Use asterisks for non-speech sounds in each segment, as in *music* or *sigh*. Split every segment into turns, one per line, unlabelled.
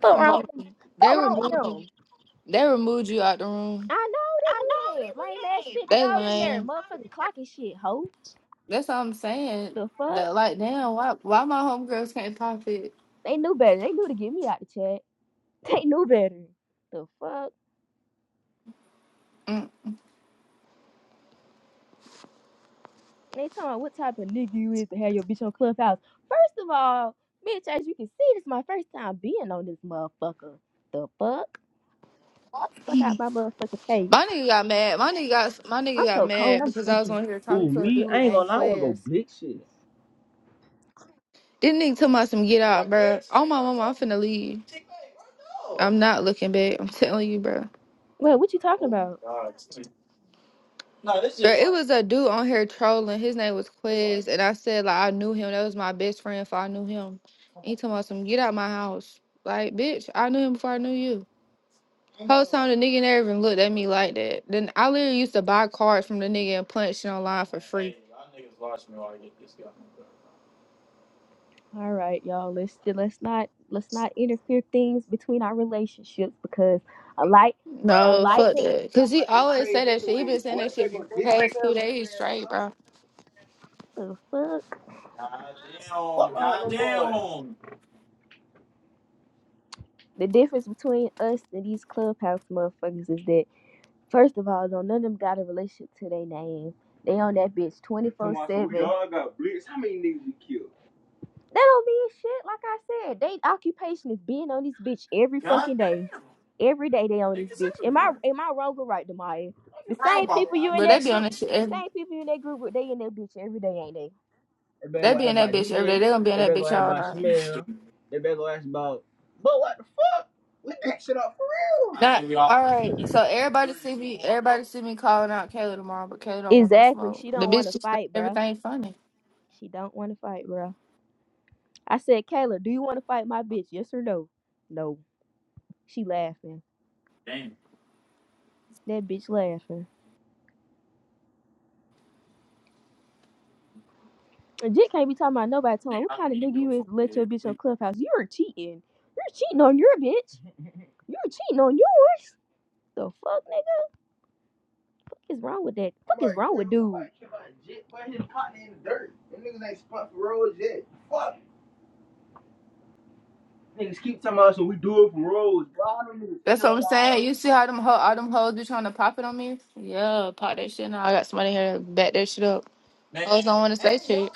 Fuck wrong with
removed
them?
you. They
Fuck wrong with
removed you.
them?
They removed you out the room.
I know they did. Lame ass shit, cause
They
I was in there
lame.
motherfucking clocking shit, hoe.
That's what I'm saying.
The fuck?
That like damn, why why my homegirls can't pop it?
They knew better. They knew to get me out the chat. *laughs* They knew better. The fuck?
Mm.
They talking what type of nigga you is to have your bitch on Clubhouse. First of all, bitch, as you can see, this is my first time being on this motherfucker. The fuck? Fuck out my motherfucking face.
My nigga got mad. My nigga got my nigga
I'm
got
so cold,
mad
I'm
because I was
shaking.
on here talking
Ooh,
to a
me? I
dude
ain't
named
gonna lie. I wanna go
Quez.
blick shit.
This nigga told me some get out, bro. Oh my mama, I'm finna leave. I'm not looking back. I'm telling you, bro.
Wait, what you talking about?
Girl, it like was a dude on here trolling. His name was Quiz, and I said like I knew him. That was my best friend. If I knew him, And he talking about some get out my house. Like bitch, I knew him before I knew you. Whole time the nigga never even looked at me like that. Then I literally used to buy cards from the nigga and punch shit online for free.
All right, y'all. Let's let's not let's not interfere things between our relationships because I like I do
No,
like them
fuck
the niggas to
that. Cause
talk
he
like they
always
crazy
say that shit. He
anyways.
been saying
Boy,
that
if they
shit for
go
the
dick
past two
Chanel, bitch
days
ass
straight,
up.
bro.
the fuck Fuck on them boys. the difference between us and these clubhouse motherfuckers is that first of all, don't none of them got a relationship to their name. They on that bitch twenty Come four Come on, so we seven. all got blitz. How many niggas you killed? That don't mean shit. Like I said, they occupation is being on this bitch every fucking day. Every day they on this bitch. Am I am I wrong or right, Demaya? The
Bro,
same
my-
people you in
But they
that
be on
group,
that shit.
the
Every,
same people you in that group, they in that bitch every day, ain't they? They better
they
go
be
ask
in that
about
bitch every day.
DJ.
They gonna be in
They
that
better go
bitch
ask
all
about
night.
Shamel. They better go ask about. But what the fuck? We that shit up for real.
Not, all right. So everybody see me. Everybody see me calling out Kayla tomorrow, but Kayla don't want no
Exactly.
smoke.
She
The
don't want
bitch
to
just think
fight, bruh.
everything funny.
She don't want to fight, bruh. I said, Kayla, do you want to fight my bitch? Yes or no? No. She laughing. That bitch laughing. Jit can't be talking about nobody talking about what kind of nigga you is to let your bitch on Clubhouse. You are cheating. You're cheating on your bitch. *laughs* You're cheating on yours. The fuck, nigga? What is wrong with that? What is wrong with dude? Keep talking about Jit putting his partner in the dirt. Niggas Niggas fuck for for roads yet. Fuck. Niggas keep talking about so we do it for roads. Why them niggas
That's
still
what I'm
alive.
saying. You see how them ho- all them hoes be trying to pop it on me? Yeah, pop that shit. Now I got somebody here to back that shit up. Hoes don't want to say shit.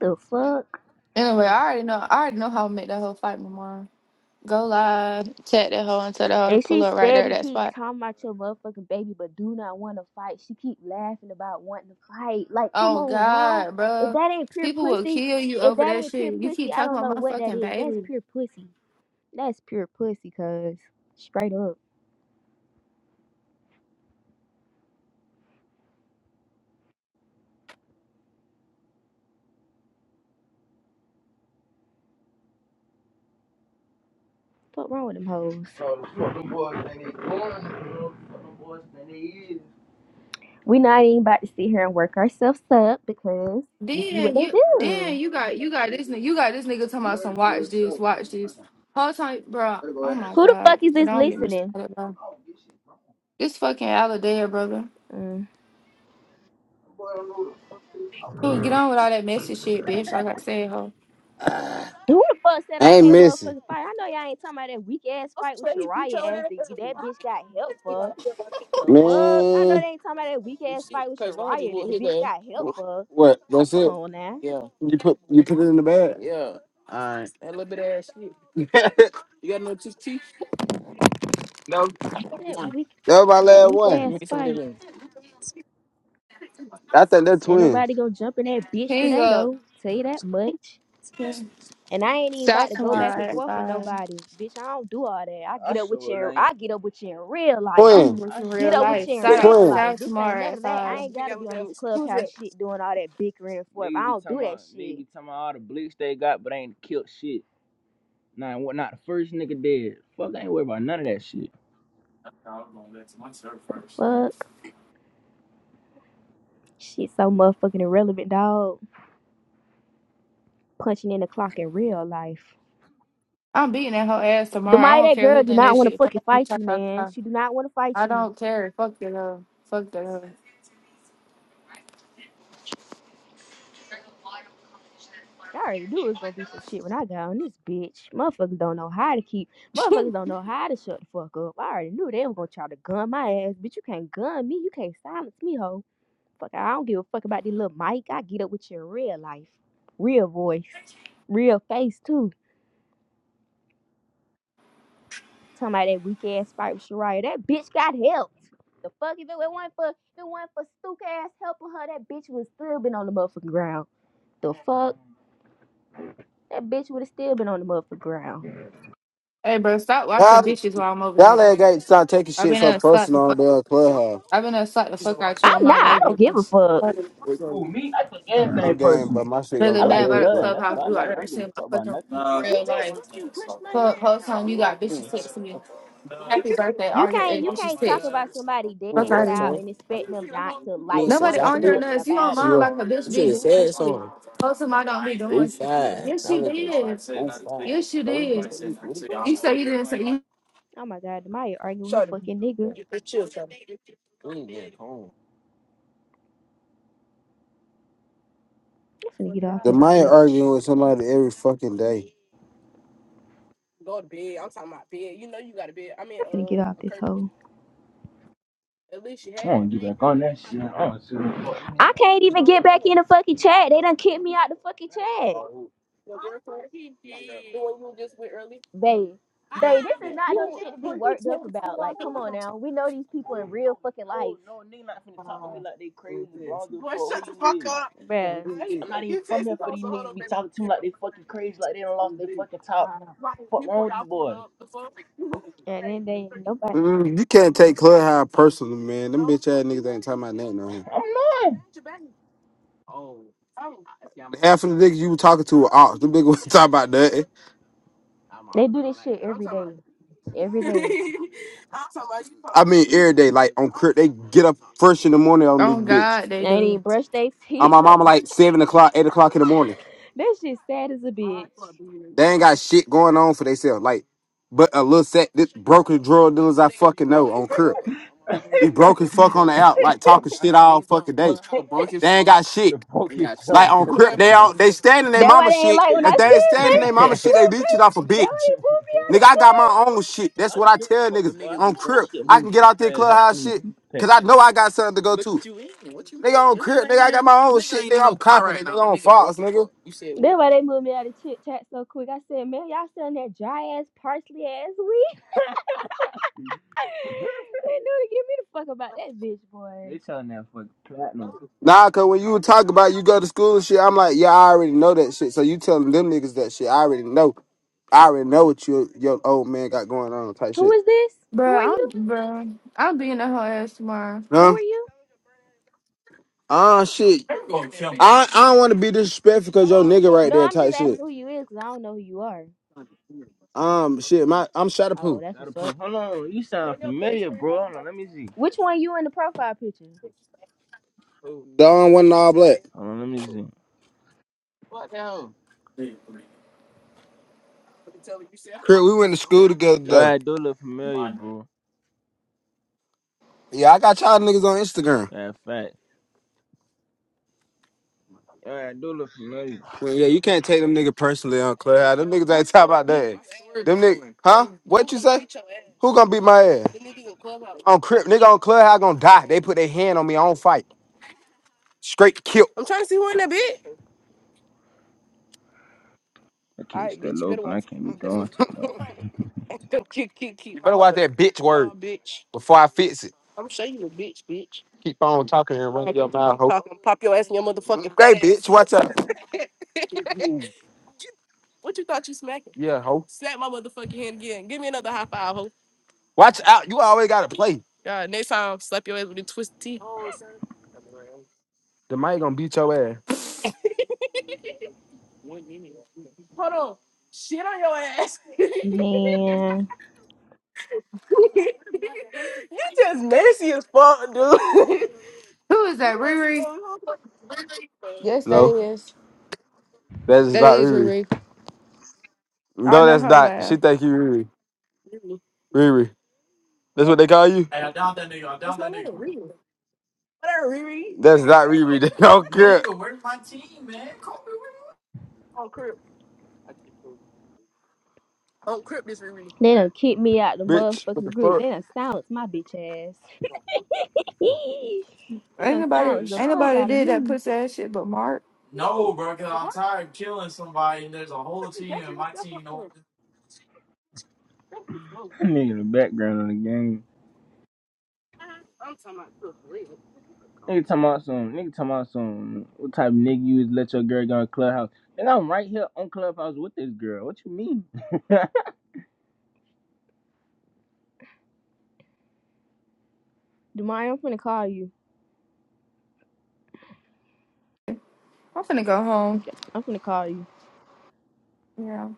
The fuck?
Anyway, I already know. I already know how to make that whole fight tomorrow. Go live, tag that hoe, and tell that hoe to
And she
pull up right there at
steady
that
keep
spot.
talking about your motherfucking baby, but do not want to fight. She keep laughing about wanting to fight. Like, come
Oh
on now.
God,
If
bro,
that ain't pure
people will
pussy,
kill you
if
over
that
that
ain't pure
shit. You
pussy,
keep
I
talking
don't know
about my
what that
fucking
is. That's
baby.
pure pussy. That's pure pussy, cuz. Straight up. What wrong with them hoes? So, fuck them boys and they going, girl. Fuck them boys and they is. We not even about to sit here and work ourselves up because this is what
Then
they Learn
you
do. Learn to
then you got you
yourself,
got this
nigga.
nigga you got this nigga talking about some
Learn to
watch this,
yourself,
watch
man.
this. Whole time, bro. Oh my
Who the
god.
fuck is
Bro,
this
don't get me
listening?
started, bro. This fucking Aladea, brother.
Mm. Who
Dude, get on with all that messy shit, bitch. Like I said, ho.
*sighs* I
the fuck said I
ain't
can't
missing,
motherfucking fight? I know y'all ain't talking about that weak ass fight with Shariah ass that, that bitch got help for. The fuck? I know
man.
they ain't talking about that weak ass fight with Shariah that the bitch got help for.
What? That's it.
Come on now.
You put you put it in the bag. Yeah. All right. *laughs* that
That weak
was my
that
last
weak
one. You
ass
need some
fight.
digging. I think they're
Ain't
twins.
nobody gonna jump in that bitch
Hang
today
up.
though. Tell you that much. And I ain't even about to
South
go back and
tomorrow at
forth with
five.
nobody. Bitch, I don't do all that. I I get up with you sure in, ain't. I get up with you in real life.
Twin.
I'm with
I
you
Get
real
up sure with ain't. you
life.
in
Shout
real
out
Twin.
life.
South
This ain't
tomorrow
none
at
of that. I
five.
ain't gotta be on this clubhouse shit doing all that bickering and forth. Niggas I be don't do talking that about niggas shit. be talking about all the bleach they got, but ain't killed shit. Nah, what not the first nigga dead. Fuck, I ain't worried about none of that shit. Fuck. Shit so motherfucking irrelevant, dog. Punching in the clock in real life.
I'm beating that whole ass
The
tomorrow. I
mighty
don't
that
care
girl
who
do
think
not
that
want to
shit.
fucking fight
Cha,
you,
cha,
man.
cha.
She do not want to fight
I
you.
don't care. Fuck the love. Fuck the love.
I already knew it was gonna be some shit when I got on this bitch. Motherfuckers don't know how to keep. Motherfuckers don't know how to shut the fuck up. I already knew they were gonna try to gun my ass, bitch. You can't gun me. You can't silence me, hoe. Fuck, I don't give a fuck about this little mic. I get up with your real life, real voice, real face too. Talking about that weak ass fight with Shariah. That bitch got help. The fuck if it wasn't for if it wasn't for Stook ass helping her, that bitch would still been on the motherfucking ground. The fuck, that bitch would have still been on the motherfucking ground.
Hey, bro, stop watching
Y'all,
bitches while I'm over
y'all
here.
ain't got to start taking
I've
shit
been
so
up.
personal
Stop.
on the clubhouse.
I've been there slap the fuck out you
I'm
on
not.
my
I don't
baby.
give a fuck. Well, me, I take
But I'm
everything
game, but
personal.
my shit gonna
Really
I
go
mad
like
dead,
about the
bro.
blood. That's what
clubhouse
I
dude
like.
I've
I
ever
don't give
seen
a
in
fuck
my
about
fucking
nothing.
real life. Fuck, whole time you got bitches text me. Happy birthday,
You
all your
can't
ex
you
bitches
can't talk
text
about
you.
somebody
Fuck
dead
out of
child
here.
and expect them not to like
Nobody
want to
on
do
your
nothing
nuts. You don't
about it.
mind like a bitch be doing shit. Most of my don't be doing shit. Yes, you did. Yes, you did. You say you didn't say you.
Oh my god, Demaya, arguing with her fucking nigga. I'm finna get off
The
this
Maya
bitch.
arguing with somebody every fucking day.
I'm finna get off this hoe. I don't get back on that shit. I don't see what fuck. I can't even get back in the fucking chat. They done kicked me out the fucking chat. They, they, this is not no shit to be worked up about. Like, come on now. We know these people in real fucking life. No to talk to me like they crazy. bro. I don't give a fuck who you is, Bruh. I'm not don't Fuck Bruh. with these boys? And then they nobody.
Mm, you can't take clubhouse personal, man. Them bitch ass niggas ain't talking about nothing on
I'm not.
here. Half of the niggas you were talking to were ops. Them niggas *laughs* was talking about nothing.
They do this shit every day. Every day.
*laughs* I mean, every day, like on crib, they get up first in the morning on this
Oh
bitch.
God,
They
they
ain't
do.
even brush their
On
teeth. *laughs*
my
No.
mama, like seven o'clock, eight o'clock in the morning.
That shit sad as a bitch.
They ain't got shit going on for themselves. Like, but a little set, this broken drug dealers I fucking know on crib. Be broke as fuck on the
*laughs*
out, like talking shit all fucking day. They ain't got shit.
The broken
Like
drug
on
dealer.
crib, they all they stand in their
That why
mama
they ain't
shit.
like when
If
I said,
they
baby.
ain't
*laughs*
standing their
Look,
mama shit, they leech it off a
baby. That why
bitch.
they pulled me out
Nigga,
of
I got
jail.
my own shit.
I
That's what I
don't give a
tell
fuck, boy. I
niggas on
know my
crib.
shit
I
move
can get
too
out there
fast. I can't
clubhouse
even
shit
keep track.
because I know I got something to go to. Nigga on crib, nigga, I got my own shit. Nigga, I'm confident. Nigga on Fox, nigga.
That why they moved me out of chit chat so quick. I said, man, y'all selling that dry ass parsley ass weed. *laughs* they knew to give me the fuck about that bitch, boy. They selling that for platinum.
Nah, cause when you talk about you go to school and shit, I'm like, yeah, I already know that shit. So you telling them niggas that shit? I already know. I already know what your your old man got going on type
Who
shit.
is this? Who are
Bruh, I'm
you?
bruh. I'm being the whole ass tomorrow.
Who
Huh?
are you?
Ah, shit. I I don't want to be disrespectful because your nigga right
No,
there
I'm just
type shit.
asking who you is because I don't know who you are.
Um, shit. My I'm
Oh,
Shotapoo.
that's Gotta what's pull. up. Hold on, you sound familiar, bro. Hold on, let me see. Which one you in the profile picture?
The one in all black.
Hold on, let me see.
Crip, we went to school together
Yo,
though.
I do look familiar, bro.
Yeah, I got y'all niggas on Instagram.
Yeah, fact. Yo, I do look familiar.
Well, Yeah, you can't take them nigga personally on Clubhouse. Them niggas ain't talking about that. Them niggas, huh? What you say? Who gonna beat my ass? On Crip, nigga on Clubhouse gonna die. They put their hand on me. I don't fight. Straight kill.
I
All
can't
right,
still
bitch, You better
open.
watch
I can't be doing too much.
*laughs* Kick, kick, kick. You better watch that bitch word bitch. before I fix it. Keep on talking and running your mouth, ho. Talking, pop your ass in your motherfucking Hey, face. bitch, watch out. Yeah, ho. Watch out. You always gotta play. The mic gonna beat your ass.
Man,
Who is that, Riri? Yes, that
No,
is.
that's
That
not
is
Riri.
Riri. I
No,
know
that's
her
not. She
laugh.
think you Riri. Riri. That's what they call you? Whatever, Riri. That's not Riri. *laughs* They don't care,
they done kick me out the
bitch. What the
motherfucking group.
fuck?
They done silence my bitch ass. *laughs* they
Ain't
done
nobody,
silence
ain't
the fuck
nobody
out of
did that
me.
pussy ass shit but Mark.
That nigga, the background on the game. Nigga talking about some. Nigga talking about some. What type of nigga you is let your girl go to clubhouse? And I'm right here on clubhouse with this girl. What you mean? *laughs* Demari, I'm finna call you.
I'm finna go home.
I'm finna call you.
Yeah.